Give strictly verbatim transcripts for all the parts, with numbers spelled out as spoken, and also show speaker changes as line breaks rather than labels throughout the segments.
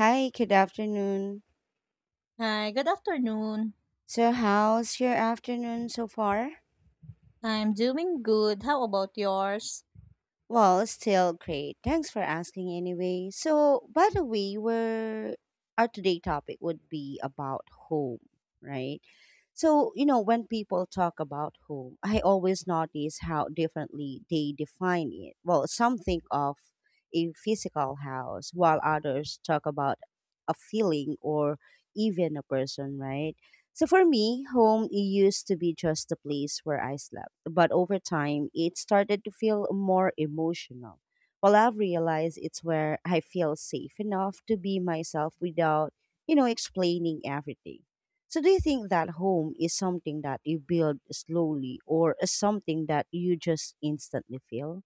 Hi, good afternoon.
Hi, good afternoon.
So, how's your afternoon so far?
I'm doing good. How about yours?
Well, still great. Thanks for asking anyway. So, by the way, we're, our today topic would be about home, right? So, you know, when people talk about home, I always notice how differently they define it. Well, some think of a physical house, while others talk about a feeling or even a person, right? So for me, home used to be just a place where I slept, but over time, it started to feel more emotional. Well, I've realized it's where I feel safe enough to be myself without, you know, explaining everything. So do you think that home is something that you build slowly or something that you just instantly feel?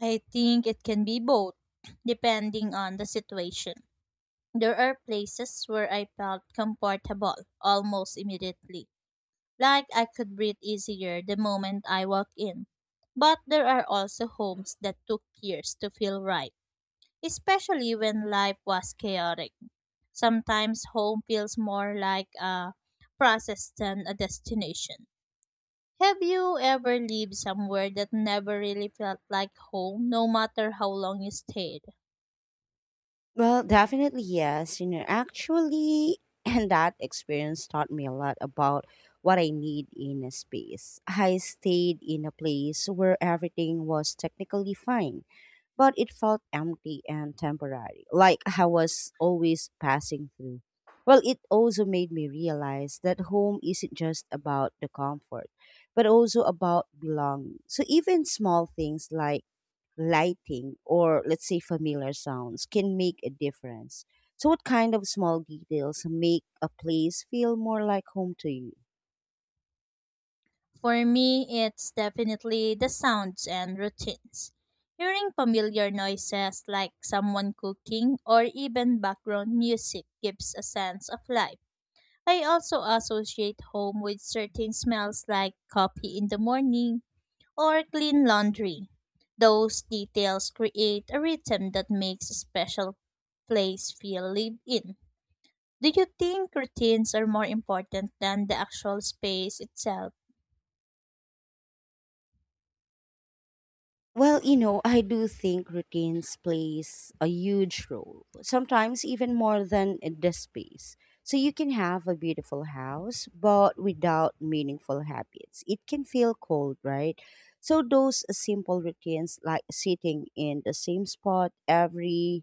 I think it can be both, depending on the situation. There are places where I felt comfortable almost immediately, like I could breathe easier the moment I walk in. But there are also homes that took years to feel right, especially when life was chaotic. Sometimes home feels more like a process than a destination. Have you ever lived somewhere that never really felt like home, no matter how long you stayed?
Well, definitely yes. You know, actually, and that experience taught me a lot about what I need in a space. I stayed in a place where everything was technically fine, but it felt empty and temporary, like I was always passing through. Well, it also made me realize that home isn't just about the comfort, but also about belonging. So even small things like lighting, or let's say familiar sounds can make a difference. So, what kind of small details make a place feel more like home to you?
For me, it's definitely the sounds and routines. Hearing familiar noises like someone cooking or even background music gives a sense of life. I also associate home with certain smells like coffee in the morning or clean laundry. Those details create a rhythm that makes a special place feel lived in. Do you think routines are more important than the actual space itself?
Well, you know, I do think routines plays a huge role, sometimes even more than the space. So you can have a beautiful house, but without meaningful habits. It can feel cold, right? So those simple routines like sitting in the same spot every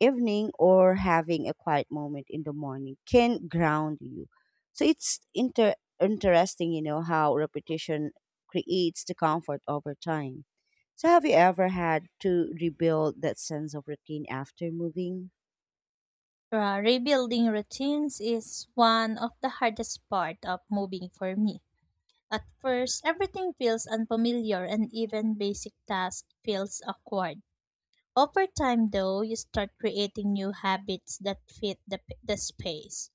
evening or having a quiet moment in the morning can ground you. So it's inter- interesting, you know, how repetition creates the comfort over time. So have you ever had to rebuild that sense of routine after moving?
Uh, rebuilding routines is one of the hardest part of moving for me. At first, everything feels unfamiliar and even basic tasks feels awkward. Over time though, you start creating new habits that fit the, the space.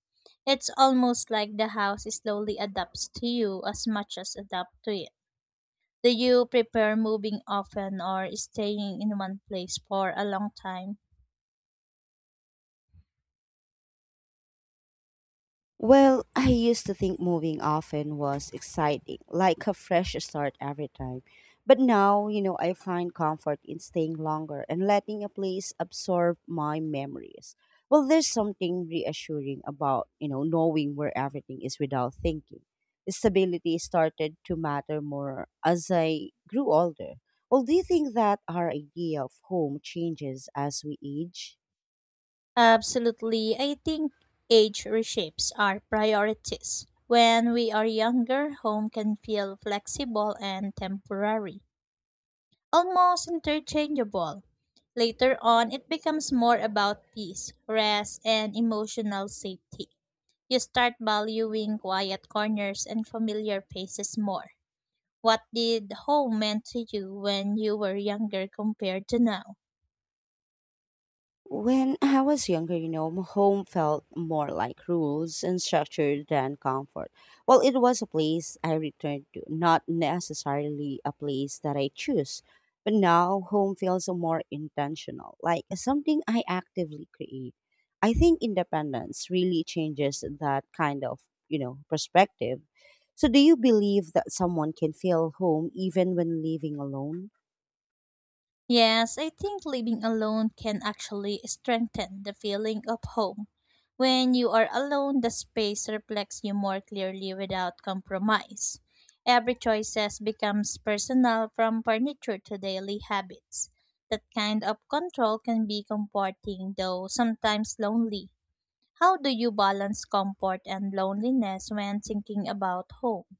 It's almost like the house slowly adapts to you as much as adapt to it. Do you prefer moving often or staying in one place for a long time?
Well, I used to think moving often was exciting, like a fresh start every time. But now, you know, I find comfort in staying longer and letting a place absorb my memories. Well, there's something reassuring about, you know, knowing where everything is without thinking. Stability started to matter more as I grew older. Well, do you think that our idea of home changes as we age?
Absolutely. I think age reshapes our priorities. When we are younger, home can feel flexible and temporary, almost interchangeable. Later on, it becomes more about peace, rest, and emotional safety. You start valuing quiet corners and familiar faces more. What did home meant to you when you were younger compared to now?
When I was younger, you know, m- home felt more like rules and structure than comfort. Well, it was a place I returned to, not necessarily a place that I choose. But now, home feels more intentional, like something I actively create. I think independence really changes that kind of, you know, perspective. So, do you believe that someone can feel home even when living alone?
Yes, I think living alone can actually strengthen the feeling of home. When you are alone, the space reflects you more clearly without compromise. Every choices becomes personal from furniture to daily habits. That kind of control can be comforting though sometimes lonely. How do you balance comfort and loneliness when thinking about home?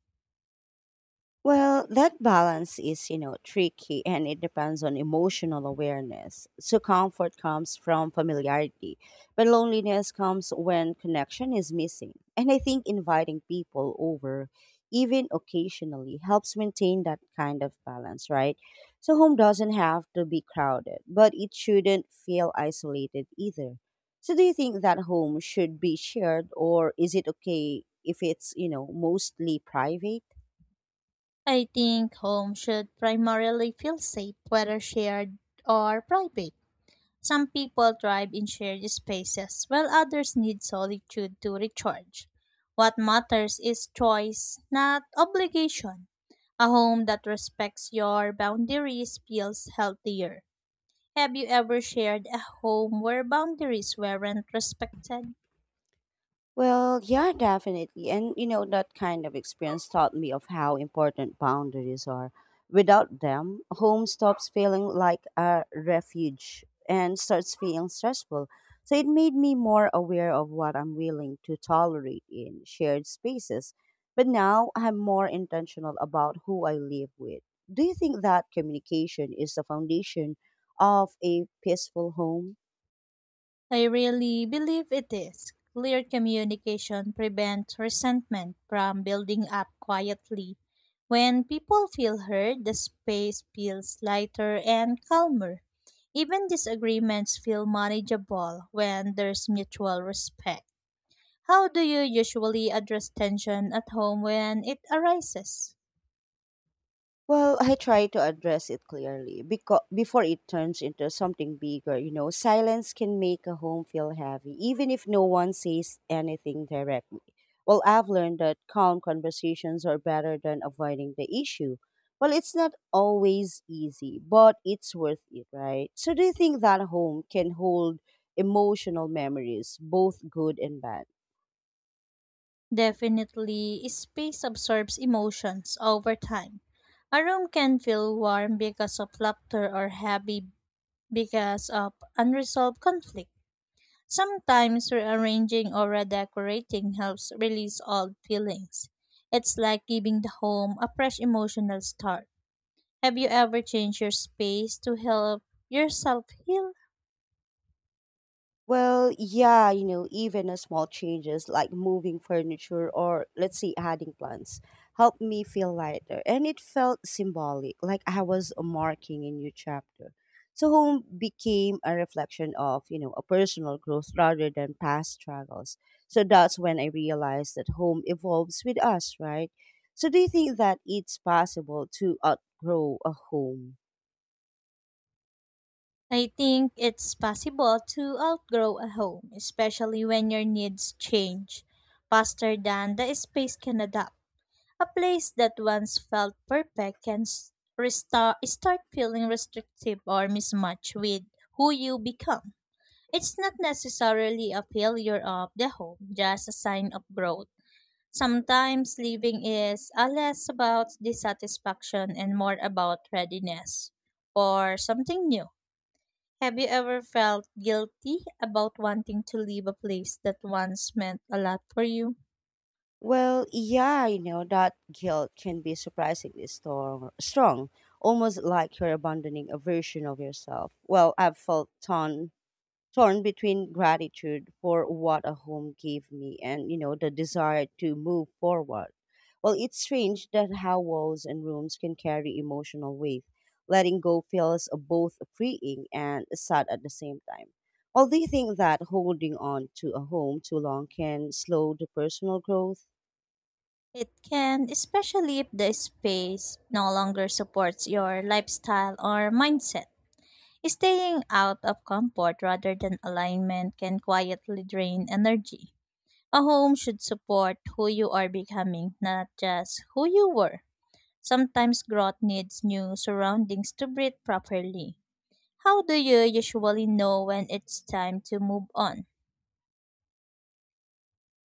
Well, that balance is, you know, tricky and it depends on emotional awareness. So comfort comes from familiarity, but loneliness comes when connection is missing. And I think inviting people over, even occasionally, helps maintain that kind of balance, right? So home doesn't have to be crowded, but it shouldn't feel isolated either. So do you think that home should be shared or is it okay if it's, you know, mostly private?
I think home should primarily feel safe, whether shared or private. Some people thrive in shared spaces, while others need solitude to recharge. What matters is choice, not obligation. A home that respects your boundaries feels healthier. Have you ever shared a home where boundaries weren't respected?
Well, yeah, definitely. And you know, that kind of experience taught me of how important boundaries are. Without them, home stops feeling like a refuge and starts feeling stressful. So it made me more aware of what I'm willing to tolerate in shared spaces. But now I'm more intentional about who I live with. Do you think that communication is the foundation of a peaceful home?
I really believe it is. Clear communication prevents resentment from building up quietly. When people feel heard, the space feels lighter and calmer. Even disagreements feel manageable when there's mutual respect. How do you usually address tension at home when it arises?
Well, I try to address it clearly because before it turns into something bigger, you know, silence can make a home feel heavy, even if no one says anything directly. Well, I've learned that calm conversations are better than avoiding the issue. Well, it's not always easy, but it's worth it, right? So, do you think that home can hold emotional memories, both good and bad?
Definitely, space absorbs emotions over time. A room can feel warm because of laughter or heavy because of unresolved conflict. Sometimes rearranging or redecorating helps release old feelings. It's like giving the home a fresh emotional start. Have you ever changed your space to help yourself heal?
Well, yeah, you know, even a small changes like moving furniture or let's say adding plants helped me feel lighter. And it felt symbolic, like I was marking a new chapter. So home became a reflection of, you know, a personal growth rather than past struggles. So that's when I realized that home evolves with us, right? So do you think that it's possible to outgrow a home?
I think it's possible to outgrow a home, especially when your needs change faster than the space can adapt. A place that once felt perfect can s- resta- start feeling restrictive or mismatched with who you become. It's not necessarily a failure of the home, just a sign of growth. Sometimes living is a less about dissatisfaction and more about readiness for something new. Have you ever felt guilty about wanting to leave a place that once meant a lot for you?
Well, yeah, I know that guilt can be surprisingly strong, strong, almost like you're abandoning a version of yourself. Well, I've felt torn, torn between gratitude for what a home gave me and, you know, the desire to move forward. Well, it's strange that how walls and rooms can carry emotional weight. Letting go feels both freeing and sad at the same time. Well, do you think that holding on to a home too long can slow the personal growth?
It can, especially if the space no longer supports your lifestyle or mindset. Staying out of comfort rather than alignment can quietly drain energy. A home should support who you are becoming, not just who you were. Sometimes growth needs new surroundings to breathe properly. How do you usually know when it's time to move on?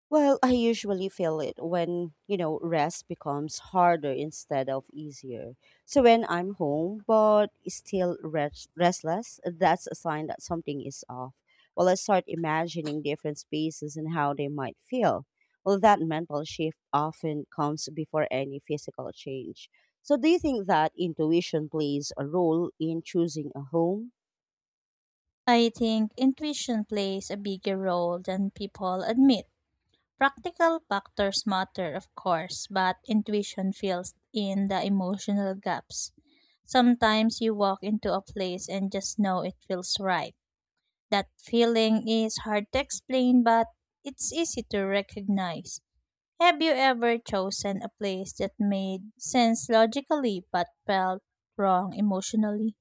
Well, I usually feel it when, you know, rest becomes harder instead of easier. So when I'm home but still rest- restless, that's a sign that something is off. Well, I start imagining different spaces and how they might feel. Well, that mental shift often comes before any physical change. So do you think that intuition plays a role in choosing a home?
I think intuition plays a bigger role than people admit. Practical factors matter, of course, but intuition fills in the emotional gaps. Sometimes you walk into a place and just know it feels right. That feeling is hard to explain, but it's easy to recognize. Have you ever chosen a place that made sense logically but felt wrong emotionally?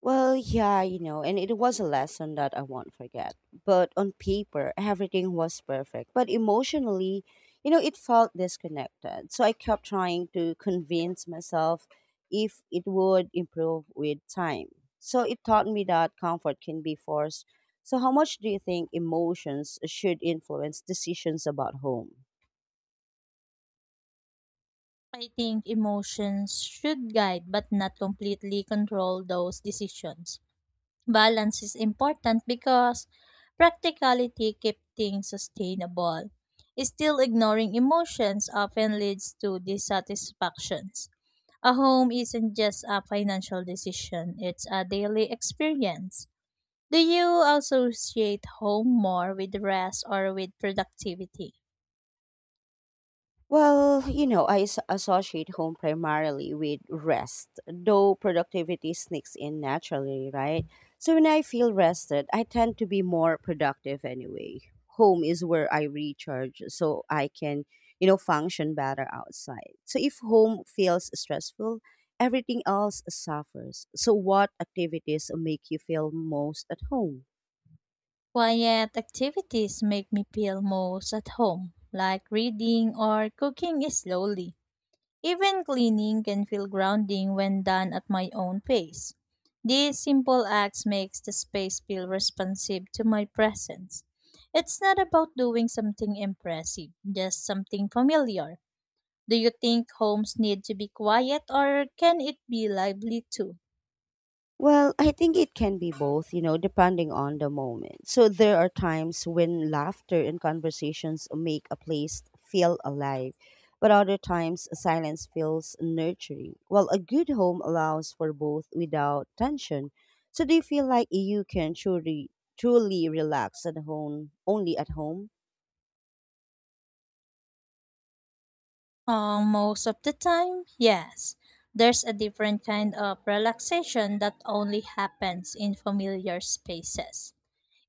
Well, yeah, you know, and it was a lesson that I won't forget. But on paper, everything was perfect. But emotionally, you know, it felt disconnected. So I kept trying to convince myself if it would improve with time. So it taught me that comfort can be forced. So, how much do you think emotions should influence decisions about home?
I think emotions should guide but not completely control those decisions. Balance is important because practicality keeps things sustainable. Still ignoring emotions often leads to dissatisfactions. A home isn't just a financial decision, it's a daily experience. Do you associate home more with rest or with productivity?
Well, you know, I as- associate home primarily with rest, though productivity sneaks in naturally, right? So when I feel rested, I tend to be more productive anyway. Home is where I recharge so I can, you know, function better outside. So if home feels stressful, everything else suffers. So what activities make you feel most at home?
Quiet activities make me feel most at home, like reading or cooking slowly. Even cleaning can feel grounding when done at my own pace. These simple acts makes the space feel responsive to my presence. It's not about doing something impressive, just something familiar. Do you think homes need to be quiet or can it be lively too?
Well, I think it can be both, you know, depending on the moment. So there are times when laughter and conversations make a place feel alive, but other times silence feels nurturing. Well, a good home allows for both without tension. So do you feel like you can truly truly relax at home only at home?
Uh, most of the time, yes. There's a different kind of relaxation that only happens in familiar spaces.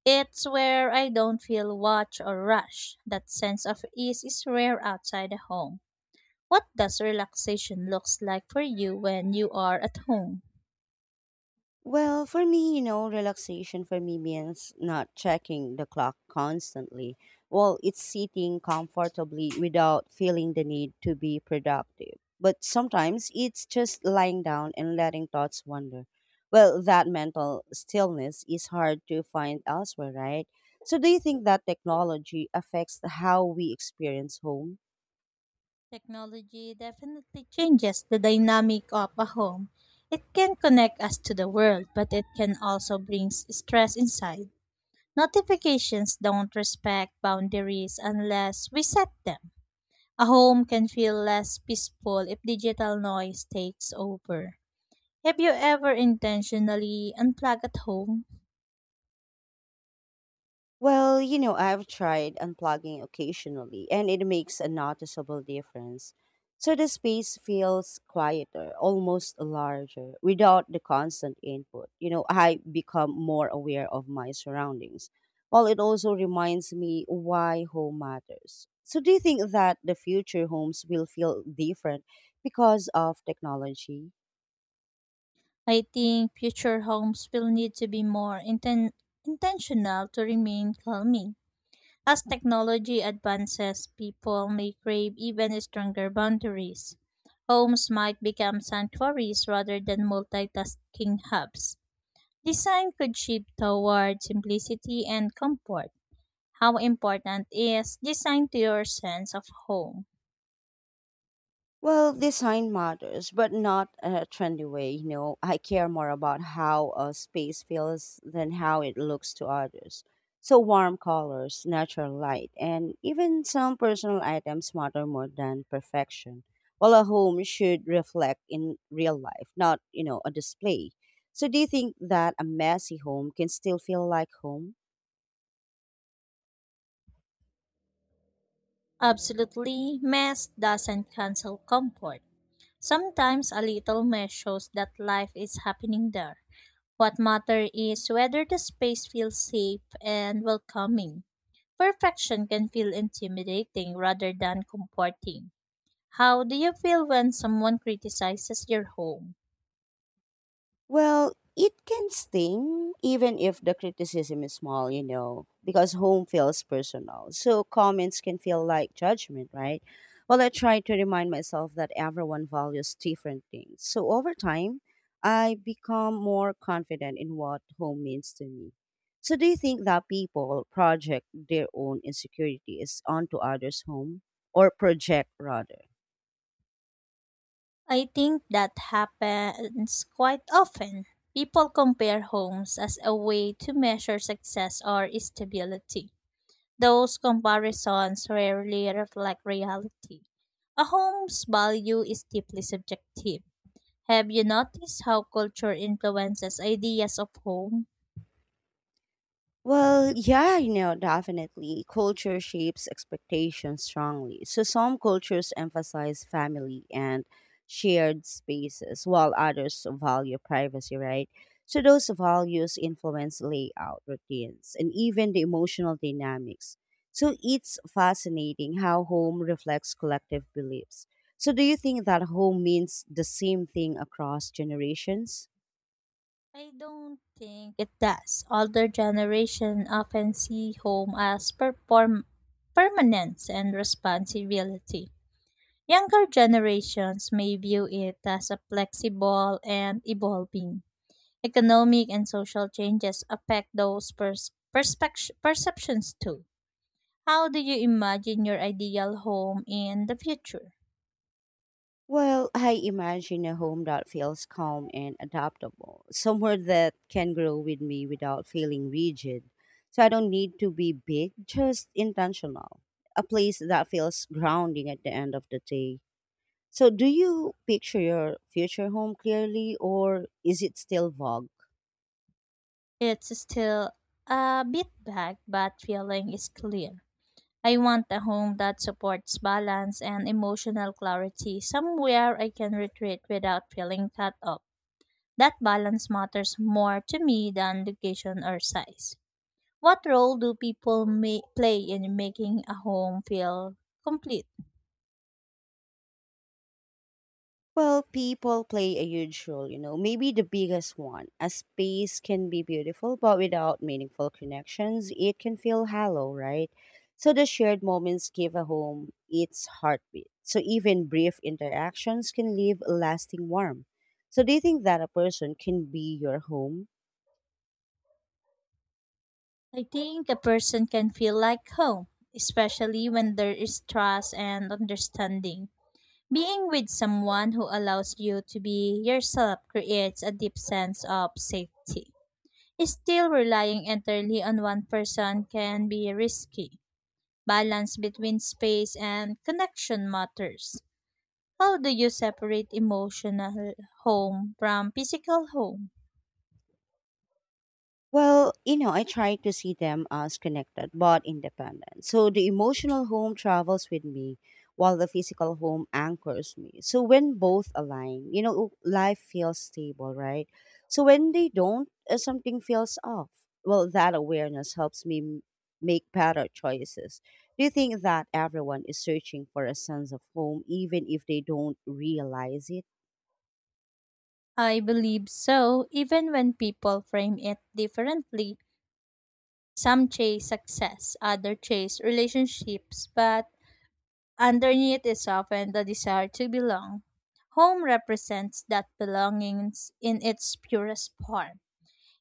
It's where I don't feel watched or rushed. That sense of ease is rare outside the home. What does relaxation looks like for you when you are at home?
Well, for me, you know, relaxation for me means not checking the clock constantly. Well, it's sitting comfortably without feeling the need to be productive. But sometimes it's just lying down and letting thoughts wander. Well, that mental stillness is hard to find elsewhere, right? So, do you think that technology affects how we experience home?
Technology definitely changes the dynamic of a home. It can connect us to the world, but it can also bring s- stress inside. Notifications don't respect boundaries unless we set them. A home can feel less peaceful if digital noise takes over. Have you ever intentionally unplugged at home?
Well, you know, I've tried unplugging occasionally, and it makes a noticeable difference. So the space feels quieter, almost larger, without the constant input. You know, I become more aware of my surroundings. While it also reminds me why home matters. So, do you think that the future homes will feel different because of technology?
I think future homes will need to be more inten- intentional to remain calming. As technology advances, people may crave even stronger boundaries. Homes might become sanctuaries rather than multitasking hubs. Design could shift toward simplicity and comfort. How important is design to your sense of home?
Well, design matters, but not in a trendy way. You know, I care more about how a space feels than how it looks to others. So, warm colors, natural light, and even some personal items matter more than perfection. Well, a home should reflect in real life, not, you know, a display. So, do you think that a messy home can still feel like home?
Absolutely, mess doesn't cancel comfort. Sometimes a little mess shows that life is happening there. What matters is whether the space feels safe and welcoming. Perfection can feel intimidating rather than comforting. How do you feel when someone criticizes your home?
Well, it can sting even if the criticism is small, you know, because home feels personal. So comments can feel like judgment, right? Well, I try to remind myself that everyone values different things. So over time, I become more confident in what home means to me. So do you think that people project their own insecurities onto others' home or project rather?
I think that happens quite often. People compare homes as a way to measure success or stability. Those comparisons rarely reflect reality. A home's value is deeply subjective. Have you noticed how culture influences ideas of home?
Well, yeah, you know, definitely. Culture shapes expectations strongly. So some cultures emphasize family and shared spaces, while others value privacy, right? So those values influence layout, routines, and even the emotional dynamics. So it's fascinating how home reflects collective beliefs. So do you think that home means the same thing across generations?
I don't think it does. Older generation often see home as perform- permanence and responsibility. Younger generations may view it as a flexible and evolving. Economic and social changes affect those pers- perspec- perceptions too. How do you imagine your ideal home in the future?
Well, I imagine a home that feels calm and adaptable, somewhere that can grow with me without feeling rigid. So I don't need to be big, just intentional. A place that feels grounding at the end of the day. So, do you picture your future home clearly, or is it still vague?
It's still a bit vague, but feeling is clear. I want a home that supports balance and emotional clarity, somewhere I can retreat without feeling cut off. That balance matters more to me than location or size. What role do people may play in making a home feel complete?
Well, people play a huge role, you know, maybe the biggest one. A space can be beautiful, but without meaningful connections, it can feel hollow, right? So the shared moments give a home its heartbeat. So even brief interactions can leave a lasting warmth. So do you think that a person can be your home?
I think a person can feel like home, especially when there is trust and understanding. Being with someone who allows you to be yourself creates a deep sense of safety. Still relying entirely on one person can be risky. Balance between space and connection matters. How do you separate emotional home from physical home?
Well, you know, I try to see them as connected but independent. So the emotional home travels with me while the physical home anchors me. So when both align, you know, life feels stable, right? So when they don't, uh, something feels off. Well, that awareness helps me m- make better choices. Do you think that everyone is searching for a sense of home even if they don't realize it?
I believe so, even when people frame it differently. Some chase success, others chase relationships, but underneath is often the desire to belong. Home represents that belonging in its purest form.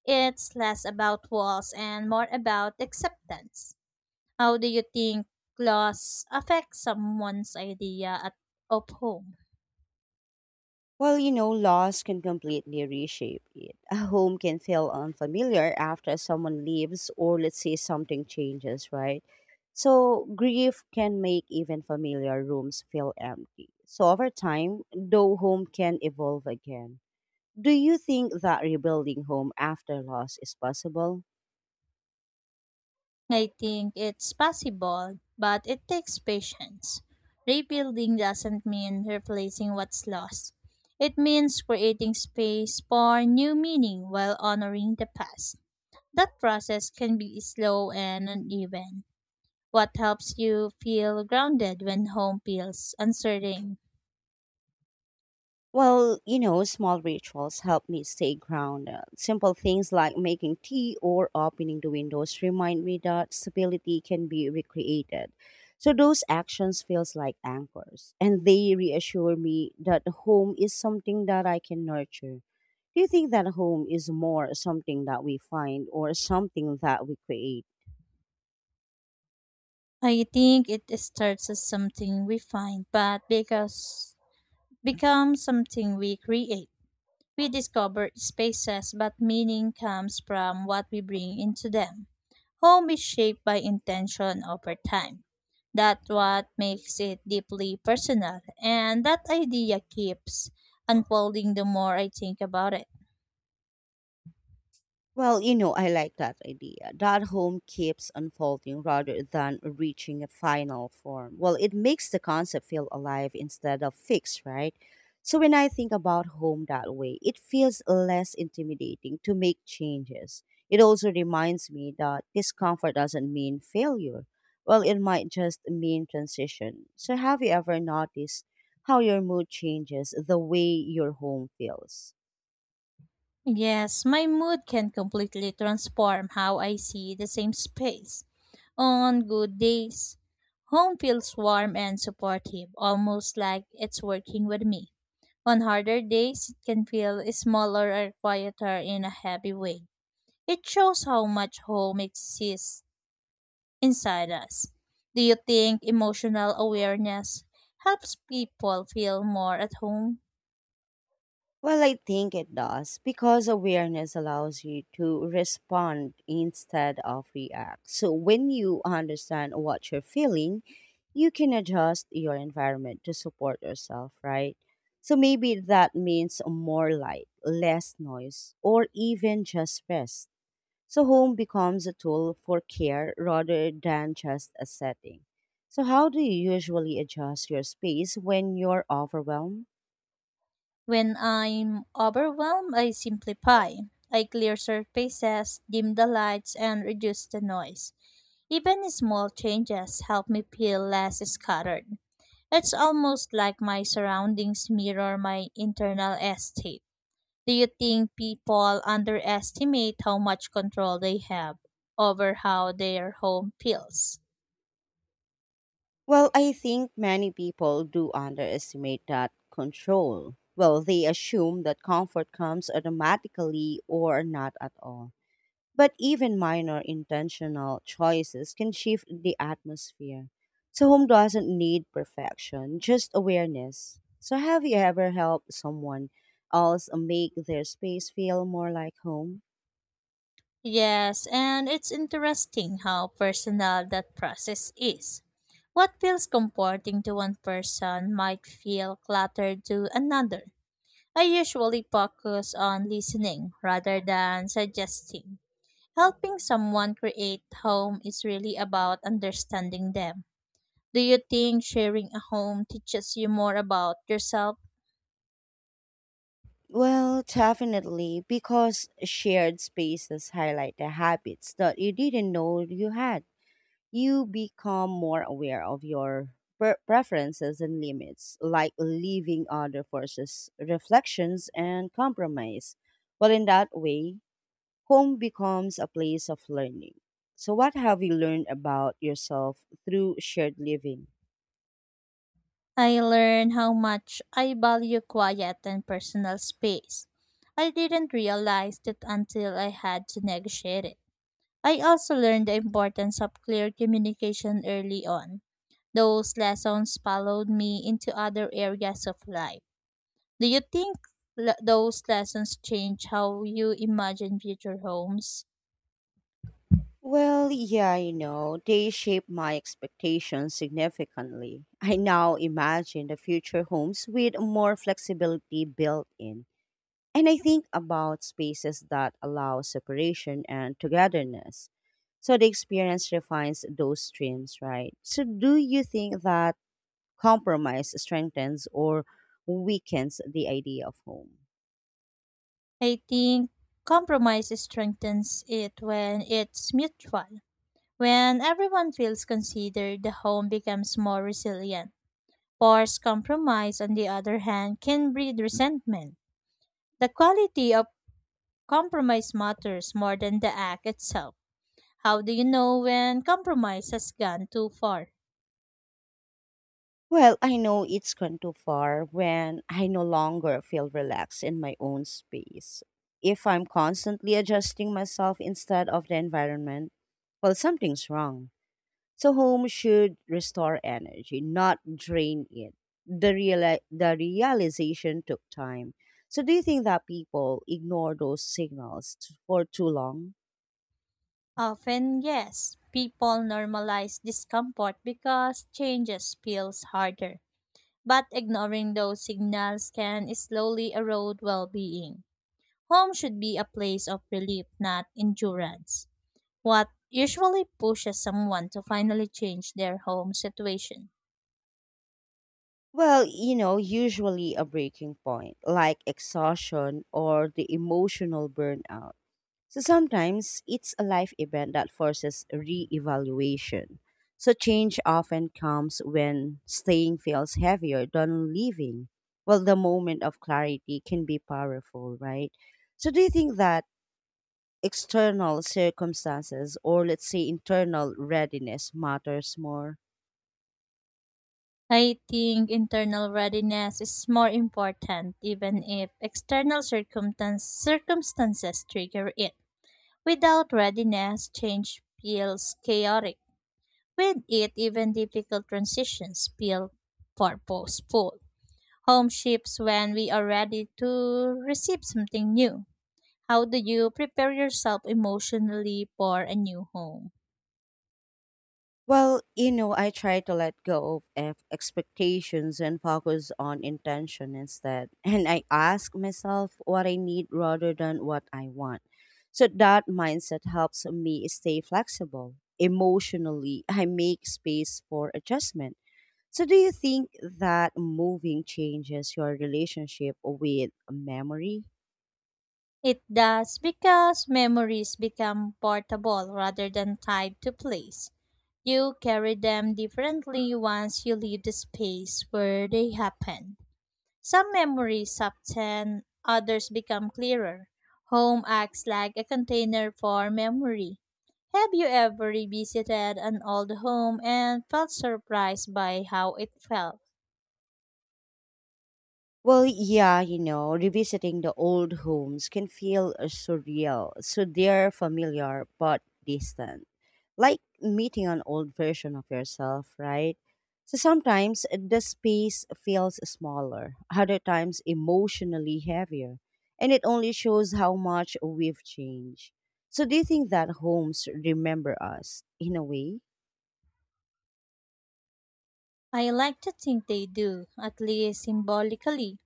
It's less about walls and more about acceptance. How do you think loss affects someone's idea at, of home?
Well, you know, loss can completely reshape it. A home can feel unfamiliar after someone leaves, or let's say something changes, right? So grief can make even familiar rooms feel empty. So over time, though, home can evolve again. Do you think that rebuilding home after loss is possible?
I think it's possible, but it takes patience. Rebuilding doesn't mean replacing what's lost. It means creating space for new meaning while honoring the past. That process can be slow and uneven. What helps you feel grounded when home feels uncertain?
Well, you know, small rituals help me stay grounded. Simple things like making tea or opening the windows remind me that stability can be recreated. So those actions feels like anchors, and they reassure me that home is something that I can nurture. Do you think that home is more something that we find or something that we create?
I think it starts as something we find, but because becomes something we create. We discover spaces, but meaning comes from what we bring into them. Home is shaped by intention over time. That's what makes it deeply personal, and that idea keeps unfolding the more I think about it.
Well, you know, I like that idea. That home keeps unfolding rather than reaching a final form. Well, it makes the concept feel alive instead of fixed, right? So when I think about home that way, it feels less intimidating to make changes. It also reminds me that discomfort doesn't mean failure. Well, it might just mean transition. So have you ever noticed how your mood changes the way your home feels?
Yes, my mood can completely transform how I see the same space. On good days, home feels warm and supportive, almost like it's working with me. On harder days, it can feel smaller or quieter in a heavy way. It shows how much home exists inside us. Do you think emotional awareness helps people feel more at home?
Well, I think it does, because awareness allows you to respond instead of react. So when you understand what you're feeling, you can adjust your environment to support yourself, right? So maybe that means more light, less noise, or even just rest. So home becomes a tool for care rather than just a setting. So how do you usually adjust your space when you're overwhelmed?
When I'm overwhelmed, I simplify. I clear surfaces, dim the lights, and reduce the noise. Even small changes help me feel less scattered. It's almost like my surroundings mirror my internal state. Do you think people underestimate how much control they have over how their home feels?
Well, I think many people do underestimate that control. Well, they assume that comfort comes automatically or not at all. But even minor intentional choices can shift the atmosphere. So home doesn't need perfection, just awareness. So have you ever helped someone else make their space feel more like home?
Yes, and it's interesting how personal that process is. What feels comforting to one person might feel cluttered to another. I usually focus on listening rather than suggesting. Helping someone create home is really about understanding them. Do you think sharing a home teaches you more about yourself?
Well, definitely, because shared spaces highlight the habits that you didn't know you had. You become more aware of your pre- preferences and limits, like leaving other forces, reflections, and compromise. Well, in that way, home becomes a place of learning. So what have you learned about yourself through shared living?
I learned how much I value quiet and personal space. I didn't realize it until I had to negotiate it. I also learned the importance of clear communication early on. Those lessons followed me into other areas of life. Do you think le- those lessons change how you imagine future homes?
Well, yeah, you know, they shape my expectations significantly. I now imagine the future homes with more flexibility built in. And I think about spaces that allow separation and togetherness. So the experience refines those streams, right? So do you think that compromise strengthens or weakens the idea of home?
I think compromise strengthens it when it's mutual. When everyone feels considered, the home becomes more resilient. Forced compromise, on the other hand, can breed resentment. The quality of compromise matters more than the act itself. How do you know when compromise has gone too far?
Well, I know it's gone too far when I no longer feel relaxed in my own space. If I'm constantly adjusting myself instead of the environment, well, something's wrong. So home should restore energy, not drain it. The real the realization took time. So do you think that people ignore those signals t- for too long?
Often, yes. People normalize discomfort because changes feels harder. But ignoring those signals can slowly erode well-being. Home should be a place of relief, not endurance. What usually pushes someone to finally change their home situation?
Well, you know, usually a breaking point, like exhaustion or the emotional burnout. So sometimes it's a life event that forces re-evaluation. So change often comes when staying feels heavier than leaving. Well, the moment of clarity can be powerful, right? So do you think that external circumstances or, let's say, internal readiness matters more?
I think internal readiness is more important even if external circumstance, circumstances trigger it. Without readiness, change feels chaotic. With it, even difficult transitions feel purposeful. Home shifts when we are ready to receive something new. How do you prepare yourself emotionally for a new home?
Well, you know, I try to let go of ex- expectations and focus on intention instead. And I ask myself what I need rather than what I want. So that mindset helps me stay flexible. Emotionally, I make space for adjustment. So do you think that moving changes your relationship with memory?
It does because memories become portable rather than tied to place. You carry them differently once you leave the space where they happened. Some memories subtend, others become clearer. Home acts like a container for memory. Have you ever revisited an old home and felt surprised by how it felt?
Well, yeah, you know, revisiting the old homes can feel uh, surreal. So they're familiar but distant. Like meeting an old version of yourself, right? So sometimes uh, the space feels smaller, other times emotionally heavier. And it only shows how much we've changed. So do you think that homes remember us in a way?
I like to think they do, at least symbolically.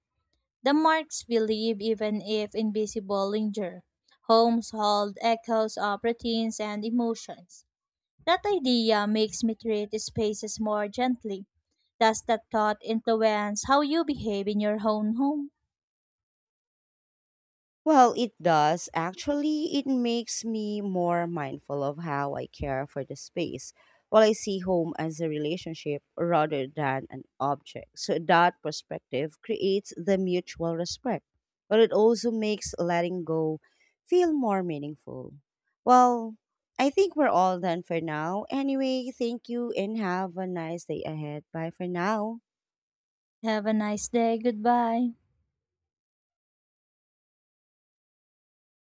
The marks we leave, even if invisible, linger. Homes hold echoes of routines and emotions. That idea makes me treat spaces more gently. Does that thought influence how you behave in your own home?
Well, it does. Actually, it makes me more mindful of how I care for the space. While I see home as a relationship rather than an object. So that perspective creates the mutual respect, but it also makes letting go feel more meaningful. Well, I think we're all done for now. Anyway, thank you and have a nice day ahead. Bye for now.
Have a nice day. Goodbye.